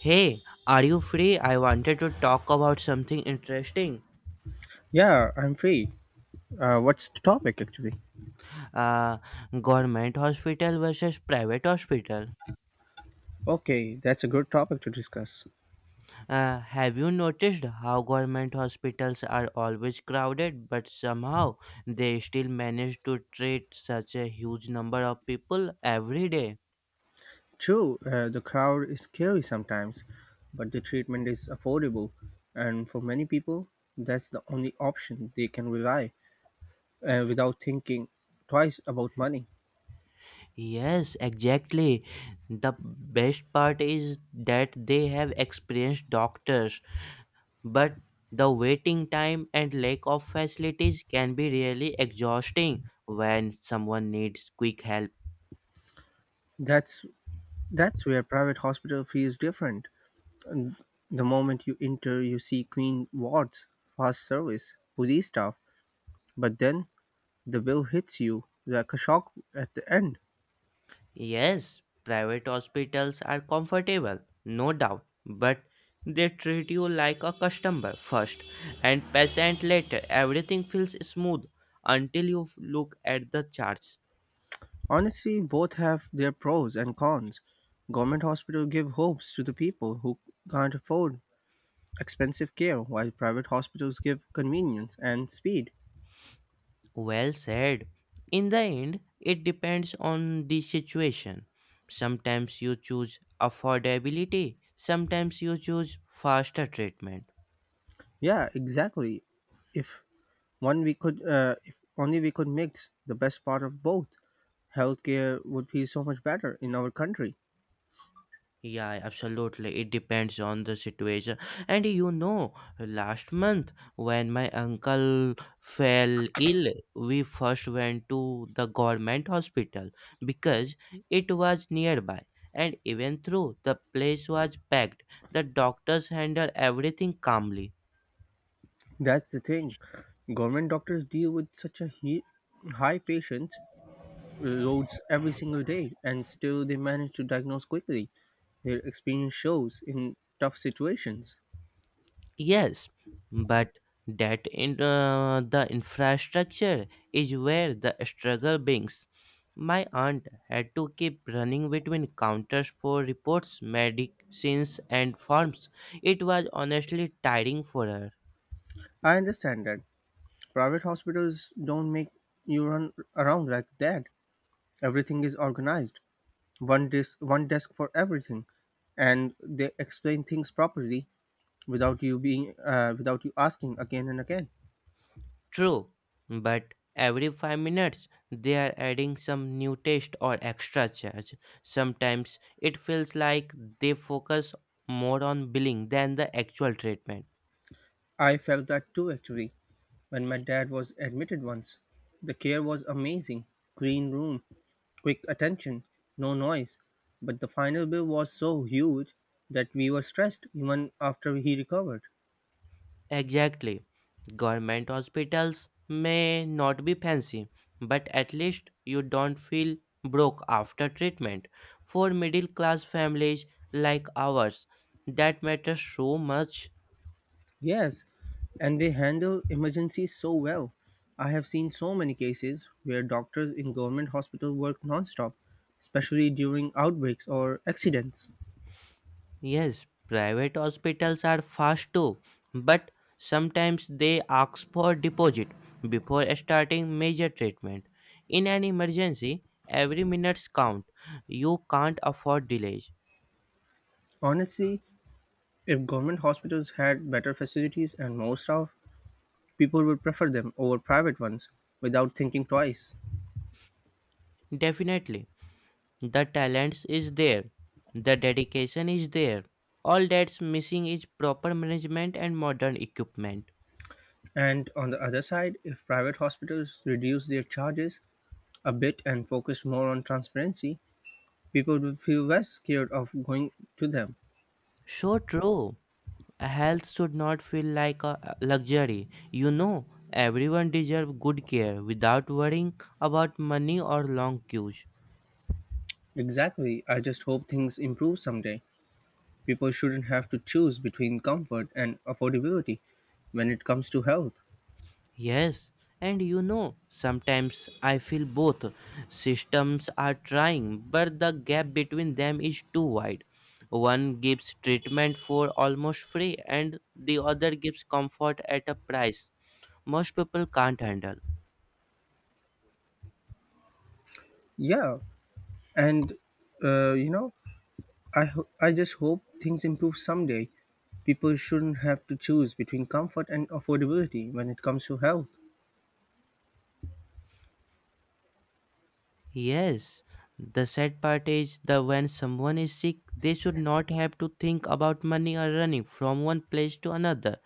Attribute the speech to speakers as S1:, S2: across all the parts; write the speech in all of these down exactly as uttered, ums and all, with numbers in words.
S1: Hey, are you free? I wanted to talk about something interesting.
S2: Yeah, I'm free. Uh, what's the topic actually?
S1: Uh, Government hospital versus private hospital.
S2: Okay, that's a good topic to discuss.
S1: Uh, have you noticed how government hospitals are always crowded, but somehow they still manage to treat such a huge number of people every day?
S2: True, uh, the crowd is scary sometimes, but the treatment is affordable, and for many people, that's the only option they can rely uh, without thinking twice about money.
S1: Yes, exactly. The best part is that they have experienced doctors but the waiting time and lack of facilities can be really exhausting when someone needs quick help.
S2: That's that's where private hospital feels different. The moment you enter, you see clean wards, fast service, police staff, but then the bill hits you like a shock at the end.
S1: Yes, private hospitals are comfortable, no doubt, but they treat you like a customer first and patient later. Everything feels smooth until you look at the charts.
S2: Honestly, both have their pros and cons. Government hospitals give hopes to the people who can't afford expensive care, while private hospitals give convenience and speed.
S1: Well said. In the end, it depends on the situation. Sometimes you choose affordability, sometimes you choose faster treatment.
S2: Yeah, exactly. If one we could, uh, if only we could mix the best part of both, healthcare would feel so much better in our country.
S1: Yeah, absolutely. It depends on the situation. And you know, last month when my uncle fell ill, we first went to the government hospital because it was nearby. And even though the place was packed, the doctors handled everything calmly.
S2: That's the thing. Government doctors deal with such a he- high patients roads every single day, and still they manage to diagnose quickly. Their experience shows in tough situations.
S1: Yes, but that in uh, the infrastructure is where the struggle begins. My aunt had to keep running between counters for reports, medicines, and forms. It was honestly tiring for her.
S2: I understand that private hospitals don't make you run around like that. Everything is organized, one desk, one desk for everything, and they explain things properly without you being uh, without you asking again and again.
S1: True, but every five minutes they are adding some new test or extra charge. Sometimes it feels like they focus more on billing than the actual treatment.
S2: I felt that too actually. When my dad was admitted once, the care was amazing. Clean room, quick attention, no noise. But the final bill was so huge that we were stressed even after he recovered.
S1: Exactly. Government hospitals may not be fancy, but at least you don't feel broke after treatment. For middle class families like ours, that matters so much.
S2: Yes, and they handle emergencies so well. I have seen so many cases where doctors in government hospital work nonstop, especially during outbreaks or accidents.
S1: Yes, private hospitals are fast too, but sometimes they ask for deposit before starting major treatment. In an emergency, every minutes count. You can't afford delays.
S2: Honestly, if government hospitals had better facilities and more staff, people would prefer them over private ones without thinking twice.
S1: Definitely. The talents is there, the dedication is there. All that's missing is proper management and modern equipment.
S2: And on the other side, if private hospitals reduce their charges a bit and focus more on transparency, people would feel less scared of going to them.
S1: So true. Health should not feel like a luxury. You know, everyone deserves good care without worrying about money or long queues.
S2: Exactly, I just hope things improve someday. People shouldn't have to choose between comfort and affordability when it comes to health.
S1: Yes, and you know, sometimes I feel both systems are trying, but the gap between them is too wide. One gives treatment for almost free, and the other gives comfort at a price most people can't handle.
S2: Yeah, and uh, you know, I, ho- I just hope things improve someday. People shouldn't have to choose between comfort and affordability when it comes to health.
S1: Yes, the sad part is that when someone is sick, they should not have to think about money or running from one place to another.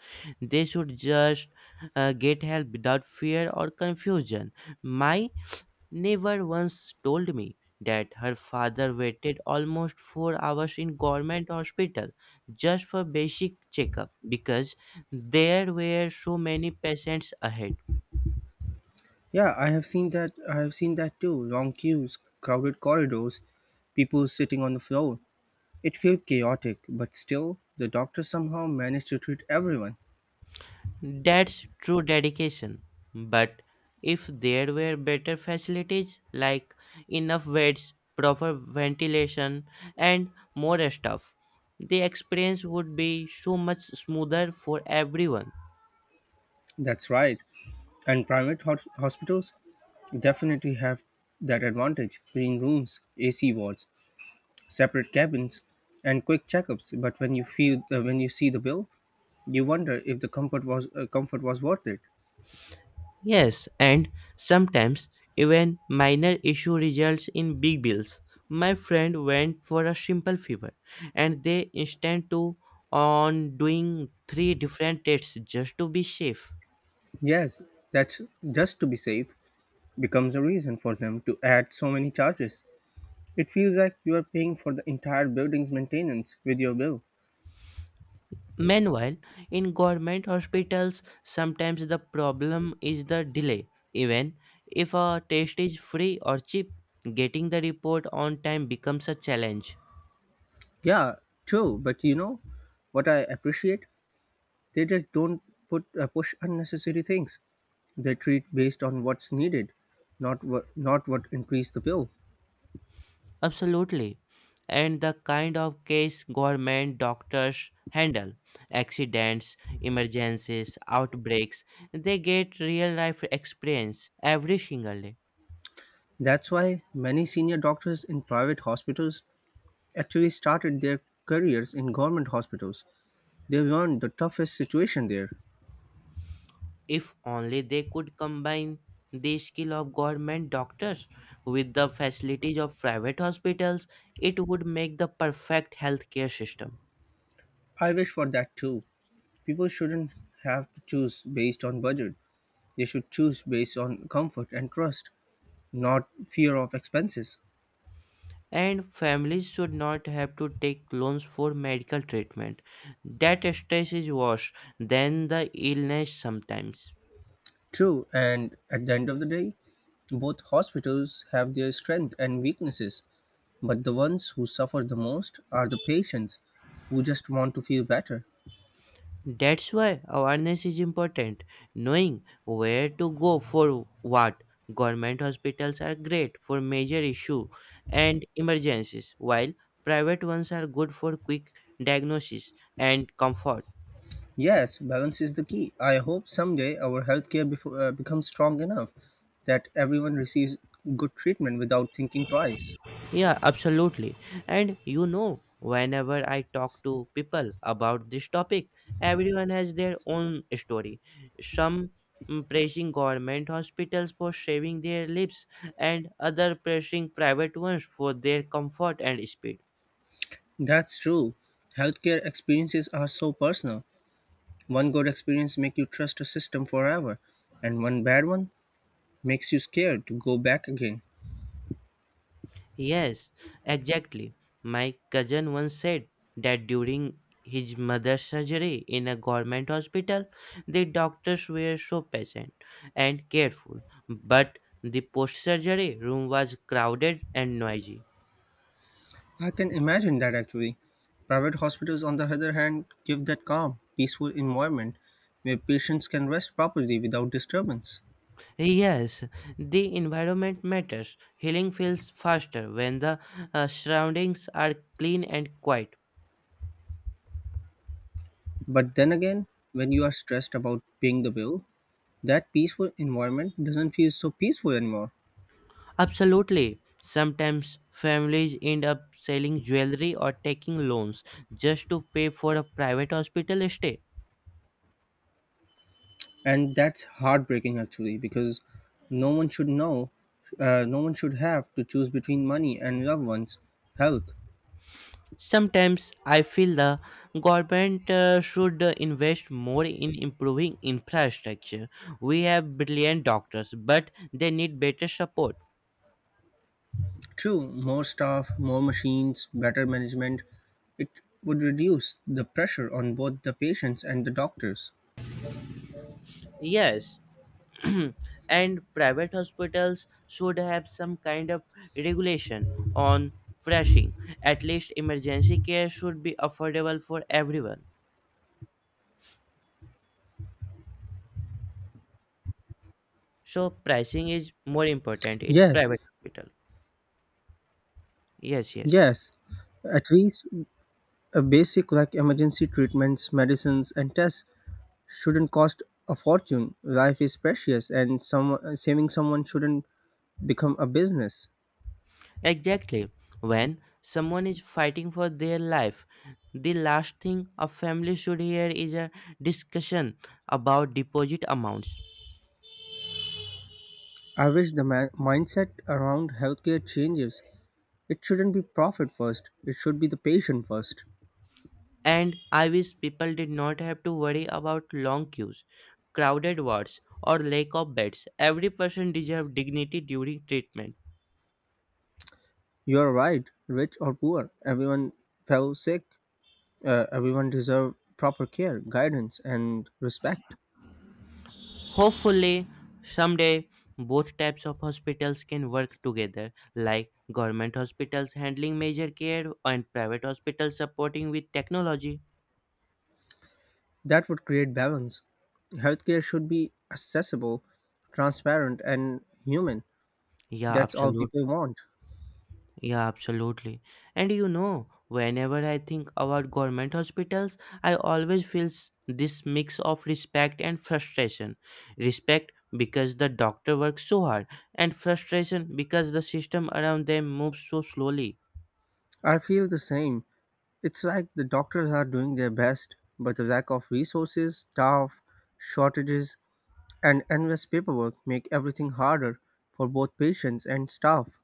S1: They should just uh, get help without fear or confusion. My never once told me that her father waited almost four hours in government hospital just for basic checkup because there were so many patients ahead.
S2: Yeah, I have seen that I have seen that too. Long queues, crowded corridors, people sitting on the floor. It felt chaotic, but still the doctor somehow managed to treat everyone.
S1: That's true dedication, but if there were better facilities like enough beds, proper ventilation, and more stuff, the experience would be so much smoother for everyone.
S2: That's right. And private hos- hospitals definitely have that advantage. Clean rooms, A C wards, separate cabins, and quick checkups. But when you feel uh, when you see the bill, you wonder if the comfort was uh, comfort was worth it.
S1: Yes, and sometimes even minor issue results in big bills. My friend went for a simple fever and they insisted to on doing three different tests just to be safe.
S2: Yes, that's just to be safe becomes a reason for them to add so many charges. It feels like you are paying for the entire building's maintenance with your bill.
S1: Meanwhile, in government hospitals, sometimes the problem is the delay. Even if a test is free or cheap, getting the report on time becomes a challenge.
S2: Yeah, true, but you know what I appreciate? They just don't put uh, push unnecessary things. They treat based on what's needed, not what not what increase the bill.
S1: Absolutely. And the kind of case government doctors handle, accidents, emergencies, outbreaks, they get real life experience every single day.
S2: That's why many senior doctors in private hospitals actually started their careers in government hospitals. They weren't the toughest situation there.
S1: If only they could combine the skill of government doctors with the facilities of private hospitals, it would make the perfect healthcare system.
S2: I wish for that too. People shouldn't have to choose based on budget. They should choose based on comfort and trust, not fear of expenses.
S1: And families should not have to take loans for medical treatment. That stress is worse than the illness sometimes.
S2: True, and at the end of the day, both hospitals have their strengths and weaknesses, but the ones who suffer the most are the patients who just want to feel better.
S1: That's why awareness is important. Knowing where to go for what. Government hospitals are great for major issues and emergencies, while private ones are good for quick diagnosis and comfort.
S2: Yes, balance is the key. I hope someday our healthcare befo- uh, becomes strong enough that everyone receives good treatment without thinking twice.
S1: Yeah, absolutely. And you know, whenever I talk to people about this topic, everyone has their own story. Some mm, praising government hospitals for saving their lives, and other praising private ones for their comfort and speed.
S2: That's true. Healthcare experiences are so personal. One good experience makes you trust a system forever, and one bad one makes you scared to go back again.
S1: Yes, exactly. My cousin once said that during his mother's surgery in a government hospital, the doctors were so patient and careful, but the post surgery room was crowded and noisy.
S2: I can imagine that actually. Private hospitals, on the other hand, give that calm, peaceful environment where patients can rest properly without disturbance.
S1: Yes, the environment matters. Healing feels faster when the uh, surroundings are clean and quiet.
S2: But then again, when you are stressed about paying the bill, that peaceful environment doesn't feel so peaceful anymore.
S1: Absolutely. Sometimes families end up selling jewelry or taking loans just to pay for a private hospital stay.
S2: And that's heartbreaking actually because no one should know, uh, no one should have to choose between money and loved ones' health.
S1: Sometimes I feel the government uh, should uh, invest more in improving infrastructure. We have brilliant doctors, but they need better support.
S2: True, more staff, more machines, better management, it would reduce the pressure on both the patients and the doctors.
S1: Yes, and private hospitals should have some kind of regulation on pricing. At least emergency care should be affordable for everyone. So pricing is more important in
S2: Yes,
S1: private hospital. Yes, yes.
S2: yes. At least uh, basic like emergency treatments, medicines, and tests shouldn't cost a fortune. Life is precious, and some, saving someone shouldn't become a business.
S1: Exactly. When someone is fighting for their life, the last thing a family should hear is a discussion about deposit amounts.
S2: I wish the ma- mindset around healthcare changes. It shouldn't be profit first, it should be the patient first.
S1: And I wish people did not have to worry about long queues, crowded wards, or lack of beds. Every person deserves dignity during treatment.
S2: You're right, rich or poor, everyone fell sick. Uh, everyone deserve proper care, guidance, and respect.
S1: Hopefully, someday both types of hospitals can work together, like government hospitals handling major care and private hospitals supporting with technology.
S2: That would create balance. Healthcare should be accessible, transparent, and human.
S1: Yeah,
S2: That's all
S1: absolutely.
S2: people want.
S1: Yeah, absolutely. And you know, whenever I think about government hospitals, I always feel s- this mix of respect and frustration. Respect because the doctor works so hard, and frustration because the system around them moves so slowly.
S2: I feel the same. It's like the doctors are doing their best, but the lack of resources, staff, shortages, and endless paperwork make everything harder for both patients and staff.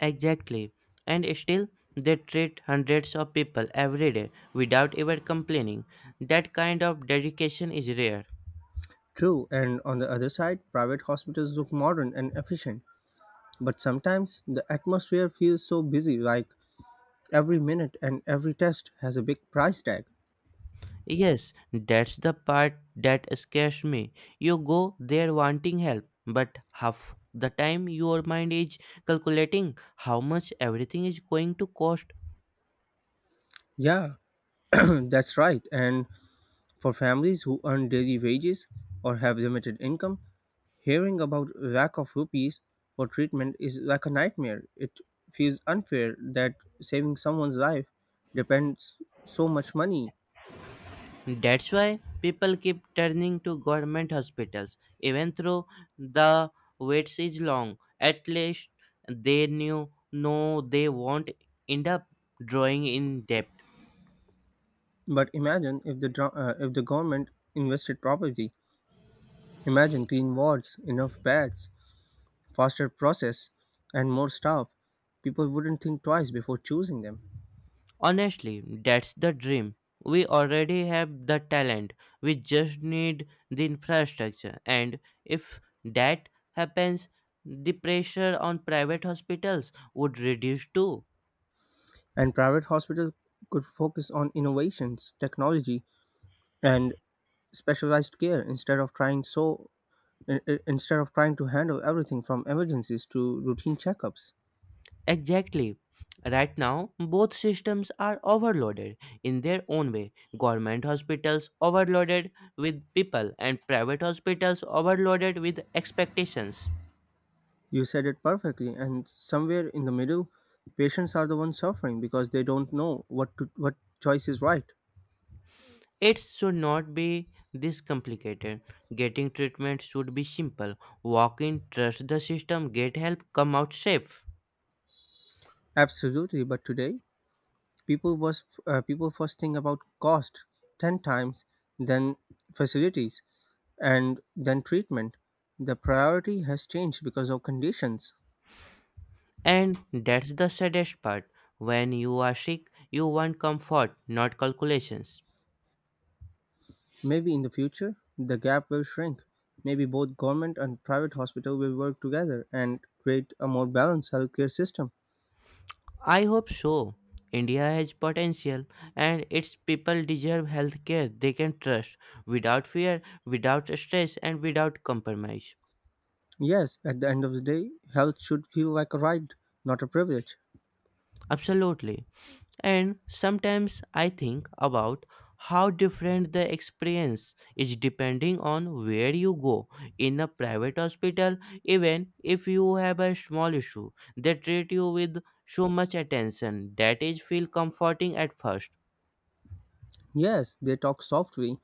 S1: Exactly. And still, they treat hundreds of people every day without ever complaining. That kind of dedication is rare.
S2: True, and on the other side, private hospitals look modern and efficient, but sometimes the atmosphere feels so busy like every minute and every test has a big price tag.
S1: Yes, that's the part that scares me. You go there wanting help, but half the time your mind is calculating how much everything is going to cost.
S2: Yeah, that's right, and for families who earn daily wages or have limited income, hearing about lack of rupees for treatment is like a nightmare. It feels unfair that saving someone's life depends so much money.
S1: That's why people keep turning to government hospitals, even though the wait is long. At least they knew no, they won't end up drawing in debt.
S2: But imagine if the dro- uh, if the government invested properly. Imagine clean wards, enough beds, faster process, and more staff. People wouldn't think twice before choosing them.
S1: Honestly, that's the dream. We already have the talent. We just need the infrastructure. And if that happens, the pressure on private hospitals would reduce too.
S2: And private hospitals could focus on innovations, technology, and specialized care instead of trying so i- i- instead of trying to handle everything from emergencies to routine checkups.
S1: Exactly. Right now, both systems are overloaded in their own way. Government hospitals overloaded with people, and private hospitals overloaded with expectations.
S2: You said it perfectly, and somewhere in the middle, patients are the ones suffering because they don't know what to, what choice is right.
S1: It should not be this complicated. Getting treatment should be simple. Walk in, trust the system, get help, come out safe.
S2: Absolutely, but today people was uh, people first think about cost ten times, then facilities, and then treatment. The priority has changed because of conditions.
S1: And that's the saddest part. When you are sick, you want comfort, not calculations.
S2: Maybe in the future, the gap will shrink. Maybe both government and private hospital will work together and create a more balanced healthcare system.
S1: I hope so. India has potential and its people deserve healthcare they can trust without fear, without stress, and without compromise.
S2: Yes, at the end of the day, health should feel like a right, not a privilege.
S1: Absolutely. And sometimes I think about how different the experience is depending on where you go. In a private hospital, even if you have a small issue, they treat you with so much attention that is feel comforting at first.
S2: Yes, they talk softly,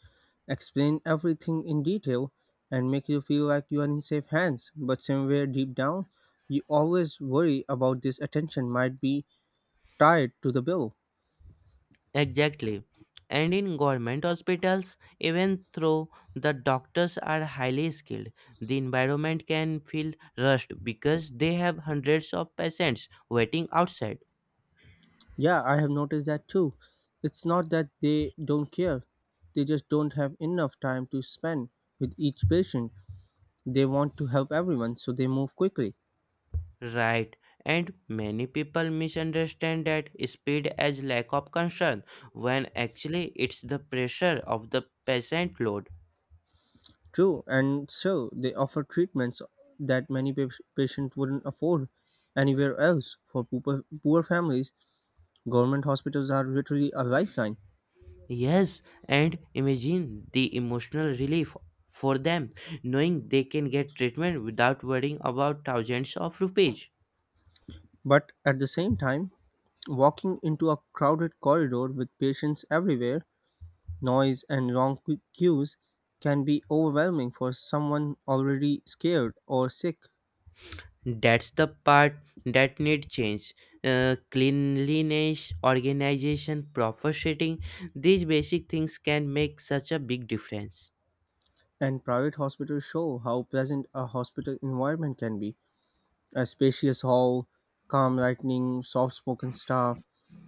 S2: explain everything in detail, and make you feel like you are in safe hands. But somewhere deep down, you always worry about this attention might be tied to the bill.
S1: Exactly. And in government hospitals, even though the doctors are highly skilled, the environment can feel rushed because they have hundreds of patients waiting outside.
S2: Yeah, I have noticed that too. It's not that they don't care, they just don't have enough time to spend with each patient. They want to help everyone, so they move quickly.
S1: Right. And many people misunderstand that speed as lack of concern when actually it's the pressure of the patient load.
S2: True, and so they offer treatments that many pa- patients wouldn't afford anywhere else. For poor, poor families, government hospitals are literally a lifeline.
S1: Yes, and imagine the emotional relief for them knowing they can get treatment without worrying about thousands of rupees.
S2: But at the same time, walking into a crowded corridor with patients everywhere, noise and wrong cu- cues can be overwhelming for someone already scared or sick,
S1: That's the part that need change. Uh, cleanliness, organization, proper seating, these basic things can make such a big difference.
S2: and private hospitals show how pleasant a hospital environment can be. A spacious hall, calm lighting, soft spoken staff.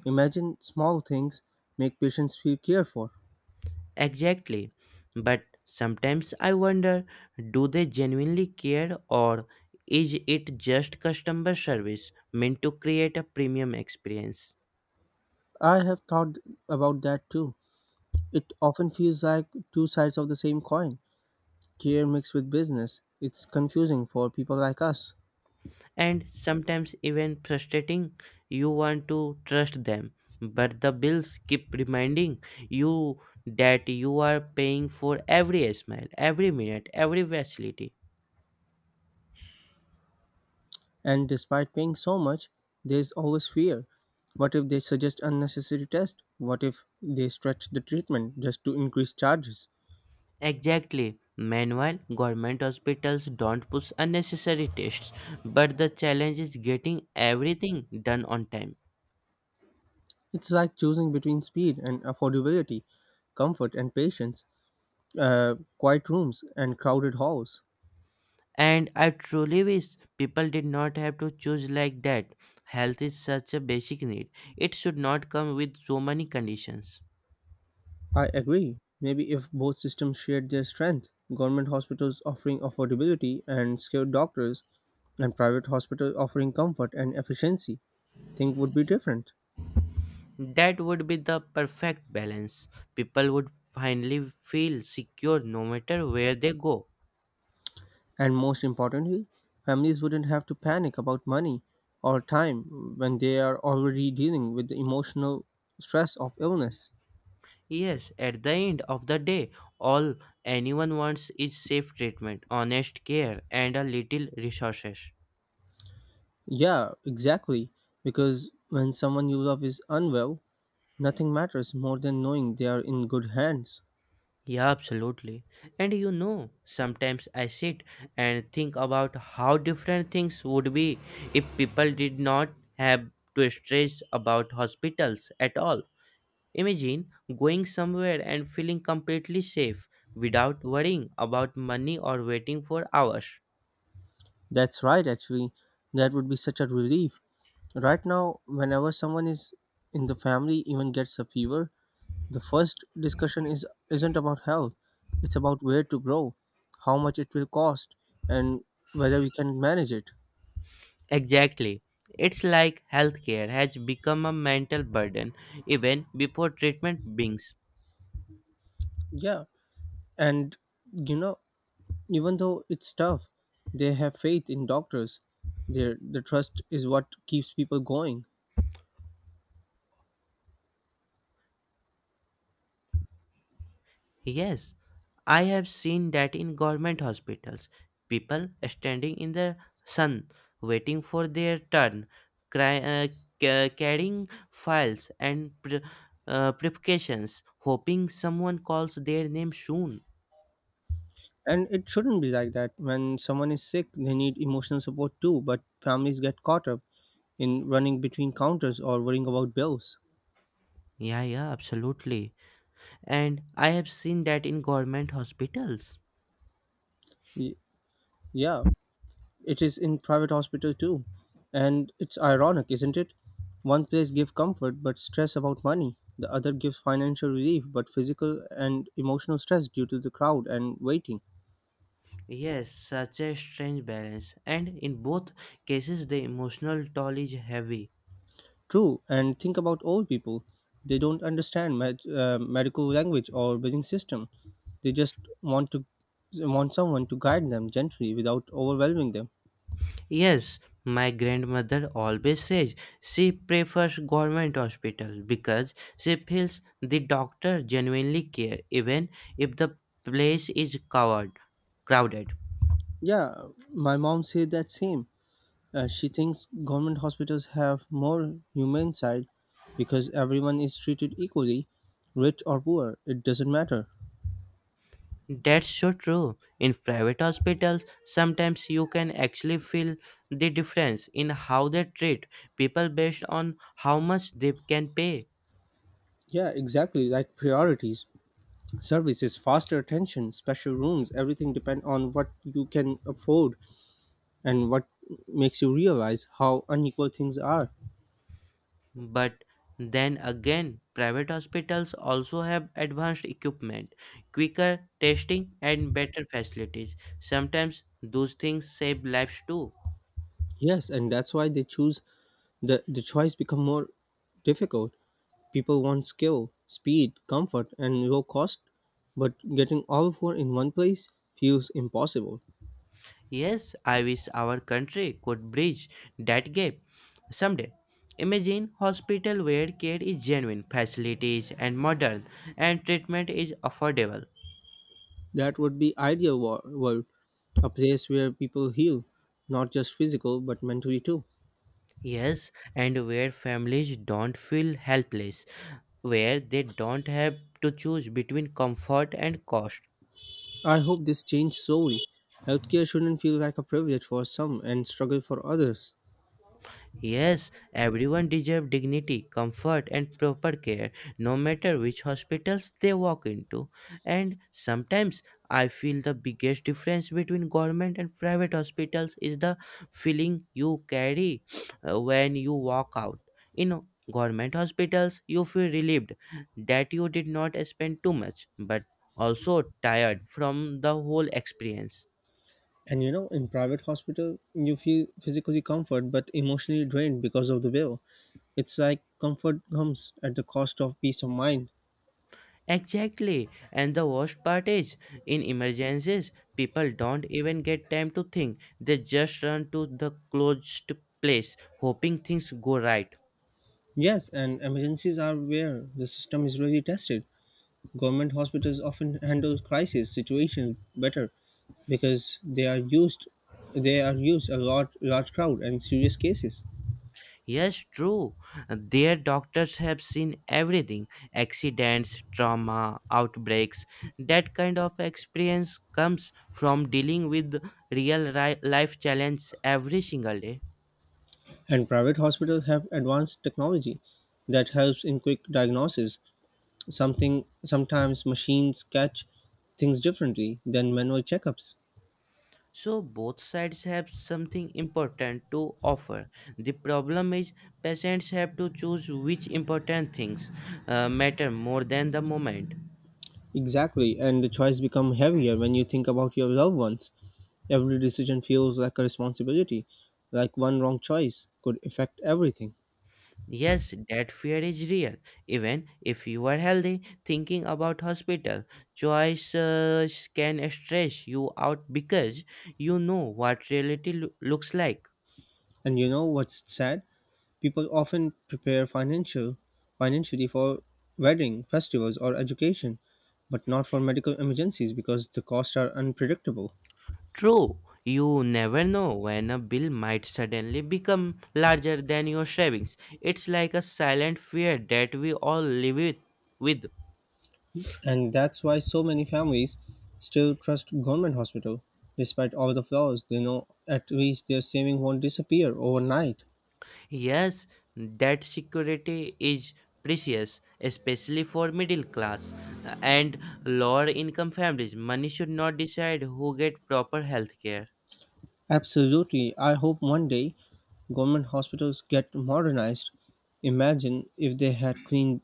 S2: Imagine small things make patients feel cared for.
S1: Exactly. But sometimes I wonder, do they genuinely care or is it just customer service meant to create a premium experience?
S2: I have thought about that too. It often feels like two sides of the same coin. Care mixed with business. It's confusing for people like us.
S1: And sometimes even frustrating. You want to trust them, but the bills keep reminding you that you are paying for every smile, every minute, every facility.
S2: And despite paying so much, there is always fear. What if they suggest unnecessary tests? What if they stretch the treatment just to increase charges?
S1: Exactly. Meanwhile, government hospitals don't push unnecessary tests, but the challenge is getting everything done on time.
S2: It's like choosing between speed and affordability, comfort and patience, uh, quiet rooms and crowded halls.
S1: And I truly wish people did not have to choose like that. Health is such a basic need, it should not come with so many conditions.
S2: I agree. Maybe if both systems shared their strength, government hospitals offering affordability and skilled doctors, and private hospitals offering comfort and efficiency, things would be different.
S1: That would be the perfect balance. People would finally feel secure no matter where they go.
S2: And most importantly, families wouldn't have to panic about money or time when they are already dealing with the emotional stress of illness.
S1: Yes, at the end of the day, all anyone wants is safe treatment, honest care, and a little resources.
S2: Yeah, exactly. Because when someone you love is unwell, nothing matters more than knowing they are in good hands.
S1: Yeah, absolutely. And you know, sometimes I sit and think about how different things would be if people did not have to stress about hospitals at all. Imagine going somewhere and feeling completely safe without worrying about money or waiting for hours.
S2: That's right, actually. That would be such a relief. Right now, whenever someone is in the family even gets a fever, the first discussion is isn't about health. It's about where to grow, how much it will cost, and whether we can manage it.
S1: Exactly. It's like healthcare has become a mental burden even before treatment begins.
S2: Yeah, and you know, even though it's tough, they have faith in doctors. Their the trust is what keeps people going.
S1: Yes, I have seen that in government hospitals. People standing in the sun waiting for their turn, cry, uh, ca- carrying files and pre- uh, preparations, hoping someone calls their name soon.
S2: And it shouldn't be like that. When someone is sick, they need emotional support too, but families get caught up in running between counters or worrying about bills.
S1: Yeah, yeah, absolutely. And I have seen that in government hospitals.
S2: Y- yeah, it is in private hospital too. And it's ironic, isn't it? One place gives comfort but stress about money. The other gives financial relief but physical and emotional stress due to the crowd and waiting.
S1: Yes, such a strange balance. And in both cases, the emotional toll is heavy.
S2: True, and think about old people. They don't understand med- uh, medical language or billing system. They just want to want someone to guide them gently without overwhelming them.
S1: Yes, my grandmother always says she prefers government hospital because she feels the doctor genuinely care even if the place is covered, crowded.
S2: Yeah, my mom said that same. Uh, she thinks government hospitals have more humane side because everyone is treated equally, rich or poor, it doesn't matter.
S1: That's so true. In private hospitals, sometimes you can actually feel the difference in how they treat people based on how much they can pay.
S2: Yeah, exactly, like priorities, services, faster attention, special rooms, everything depend on what you can afford and what makes you realize how unequal things are.
S1: But then again, private hospitals also have advanced equipment, quicker testing, and better facilities. Sometimes those things save lives too.
S2: Yes, and that's why they choose the the choice become more difficult. People want skill, speed, comfort, and low cost, but getting all four in one place feels impossible.
S1: Yes, I wish our country could bridge that gap someday. Imagine hospital where care is genuine, facilities and modern, and treatment is affordable.
S2: That would be ideal wo- world, a place where people heal, not just physical but mentally too.
S1: Yes, and where families don't feel helpless, where they don't have to choose between comfort and cost.
S2: I hope this change slowly. Healthcare shouldn't feel like a privilege for some and struggle for others.
S1: Yes, everyone deserves dignity, comfort, and proper care, no matter which hospitals they walk into. And sometimes I feel the biggest difference between government and private hospitals is the feeling you carry uh, when you walk out. In government hospitals, you feel relieved that you did not spend too much, but also tired from the whole experience.
S2: And you know, in private hospital, you feel physically comfort but emotionally drained because of the bill. It's like comfort comes at the cost of peace of mind.
S1: Exactly. And the worst part is, in emergencies, people don't even get time to think. They just run to the closest place, hoping things go right.
S2: Yes, and emergencies are where the system is really tested. Government hospitals often handle crisis situations better because they are used they are used a large large crowd and serious cases.
S1: Yes, true. Their doctors have seen everything, accidents, trauma, outbreaks. That kind of experience comes from dealing with real ri- life challenges every single day.
S2: And private hospitals have advanced technology that helps in quick diagnosis. Something Sometimes machines catch things differently than manual checkups.
S1: So both sides have something important to offer. The problem is patients have to choose which important things uh, matter more than the moment.
S2: Exactly, and the choice become heavier when you think about your loved ones. Every decision feels like a responsibility, like one wrong choice could affect everything.
S1: Yes, that fear is real. Even if you are healthy, thinking about hospital choices can stress you out because you know what reality loo- looks like.
S2: And you know what's sad? People often prepare financial financially for wedding, festivals or education, but not for medical emergencies because the costs are unpredictable.
S1: True, you never know when a bill might suddenly become larger than your savings. It's like a silent fear that we all live it with.
S2: And that's why so many families still trust government hospital. Despite all the flaws, they know at least their saving won't disappear overnight.
S1: Yes, that security is precious, especially for middle class and lower income families. Money should not decide who get proper health care.
S2: Absolutely. I hope one day government hospitals get modernized. Imagine if they had clean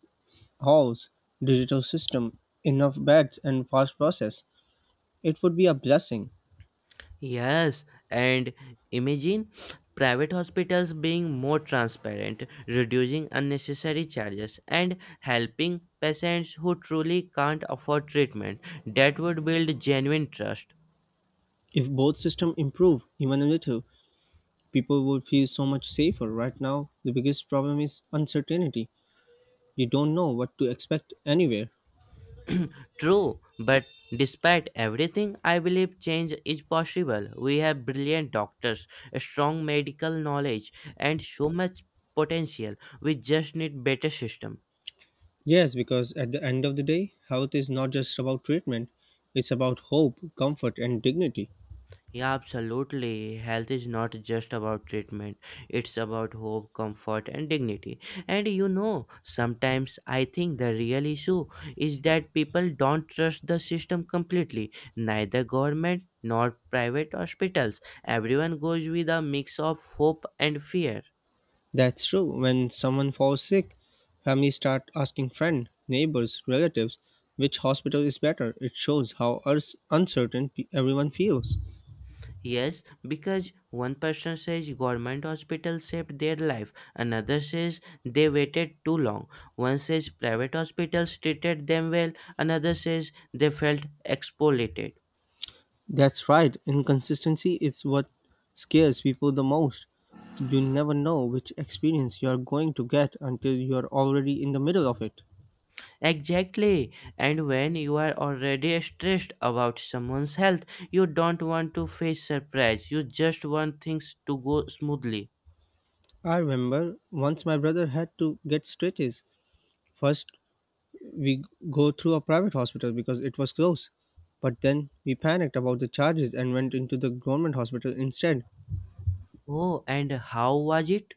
S2: halls, digital system, enough beds and fast process. It would be a blessing.
S1: Yes, and imagine private hospitals being more transparent, reducing unnecessary charges, and helping patients who truly can't afford treatment. That would build genuine trust.
S2: If both system improve even a little, people would feel so much safer. Right now, the biggest problem is uncertainty. You don't know what to expect anywhere.
S1: True, but despite everything, I believe change is possible. We have brilliant doctors, a strong medical knowledge, and so much potential. We just need better system.
S2: Yes, because at the end of the day, health is not just about treatment, it's about hope, comfort, and dignity.
S1: Yeah, absolutely. Health is not just about treatment, it's about hope, comfort, and dignity. And you know, sometimes I think the real issue is that people don't trust the system completely, neither government nor private hospitals. Everyone goes with a mix of hope and fear.
S2: That's true. When someone falls sick, families start asking friends, neighbors, relatives, which hospital is better. It shows how urs- uncertain pe- everyone feels.
S1: Yes, because one person says government hospital saved their life, another says they waited too long. One says private hospitals treated them well, another says they felt exploited.
S2: That's right. Inconsistency is what scares people the most. You never know which experience you are going to get until you are already in the middle of it.
S1: Exactly. And when you are already stressed about someone's health, you don't want to face surprise. You just want things to go smoothly.
S2: I remember once my brother had to get stretches. First, we go through a private hospital because it was close. But then we panicked about the charges and went into the government hospital instead.
S1: Oh, and how was it?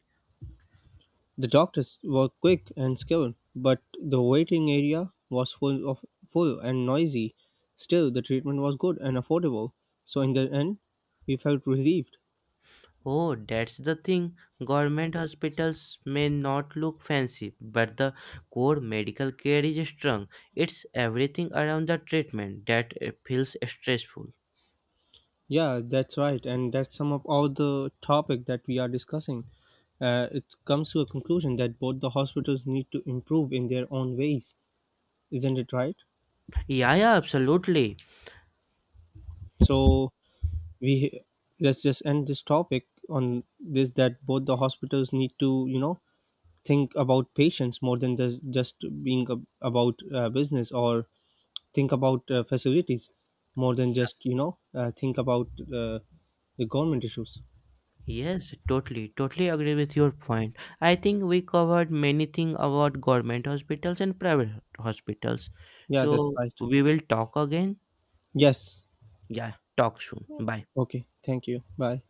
S2: The doctors were quick and skilled, but the waiting area was full of full and noisy. Still, the treatment was good and affordable. So in the end, we felt relieved.
S1: Oh, that's the thing. Government hospitals may not look fancy, but the core medical care is strong. It's everything around the treatment that uh, feels stressful.
S2: Yeah, that's right, and that's sum up all the topic that we are discussing. Uh, it comes to a conclusion that both the hospitals need to improve in their own ways, isn't it right?
S1: Yeah, yeah, absolutely.
S2: So we let's just end this topic on this that both the hospitals need to you know think about patients more than the, just being ab- about uh, business or think about uh, facilities more than just you know uh, think about uh, the government issues.
S1: Yes, totally, totally agree with your point. I think we covered many things about government hospitals and private hospitals.
S2: Yeah, that's
S1: So
S2: right.
S1: we will talk again.
S2: Yes.
S1: Yeah, talk soon. Bye.
S2: Okay, thank you. Bye.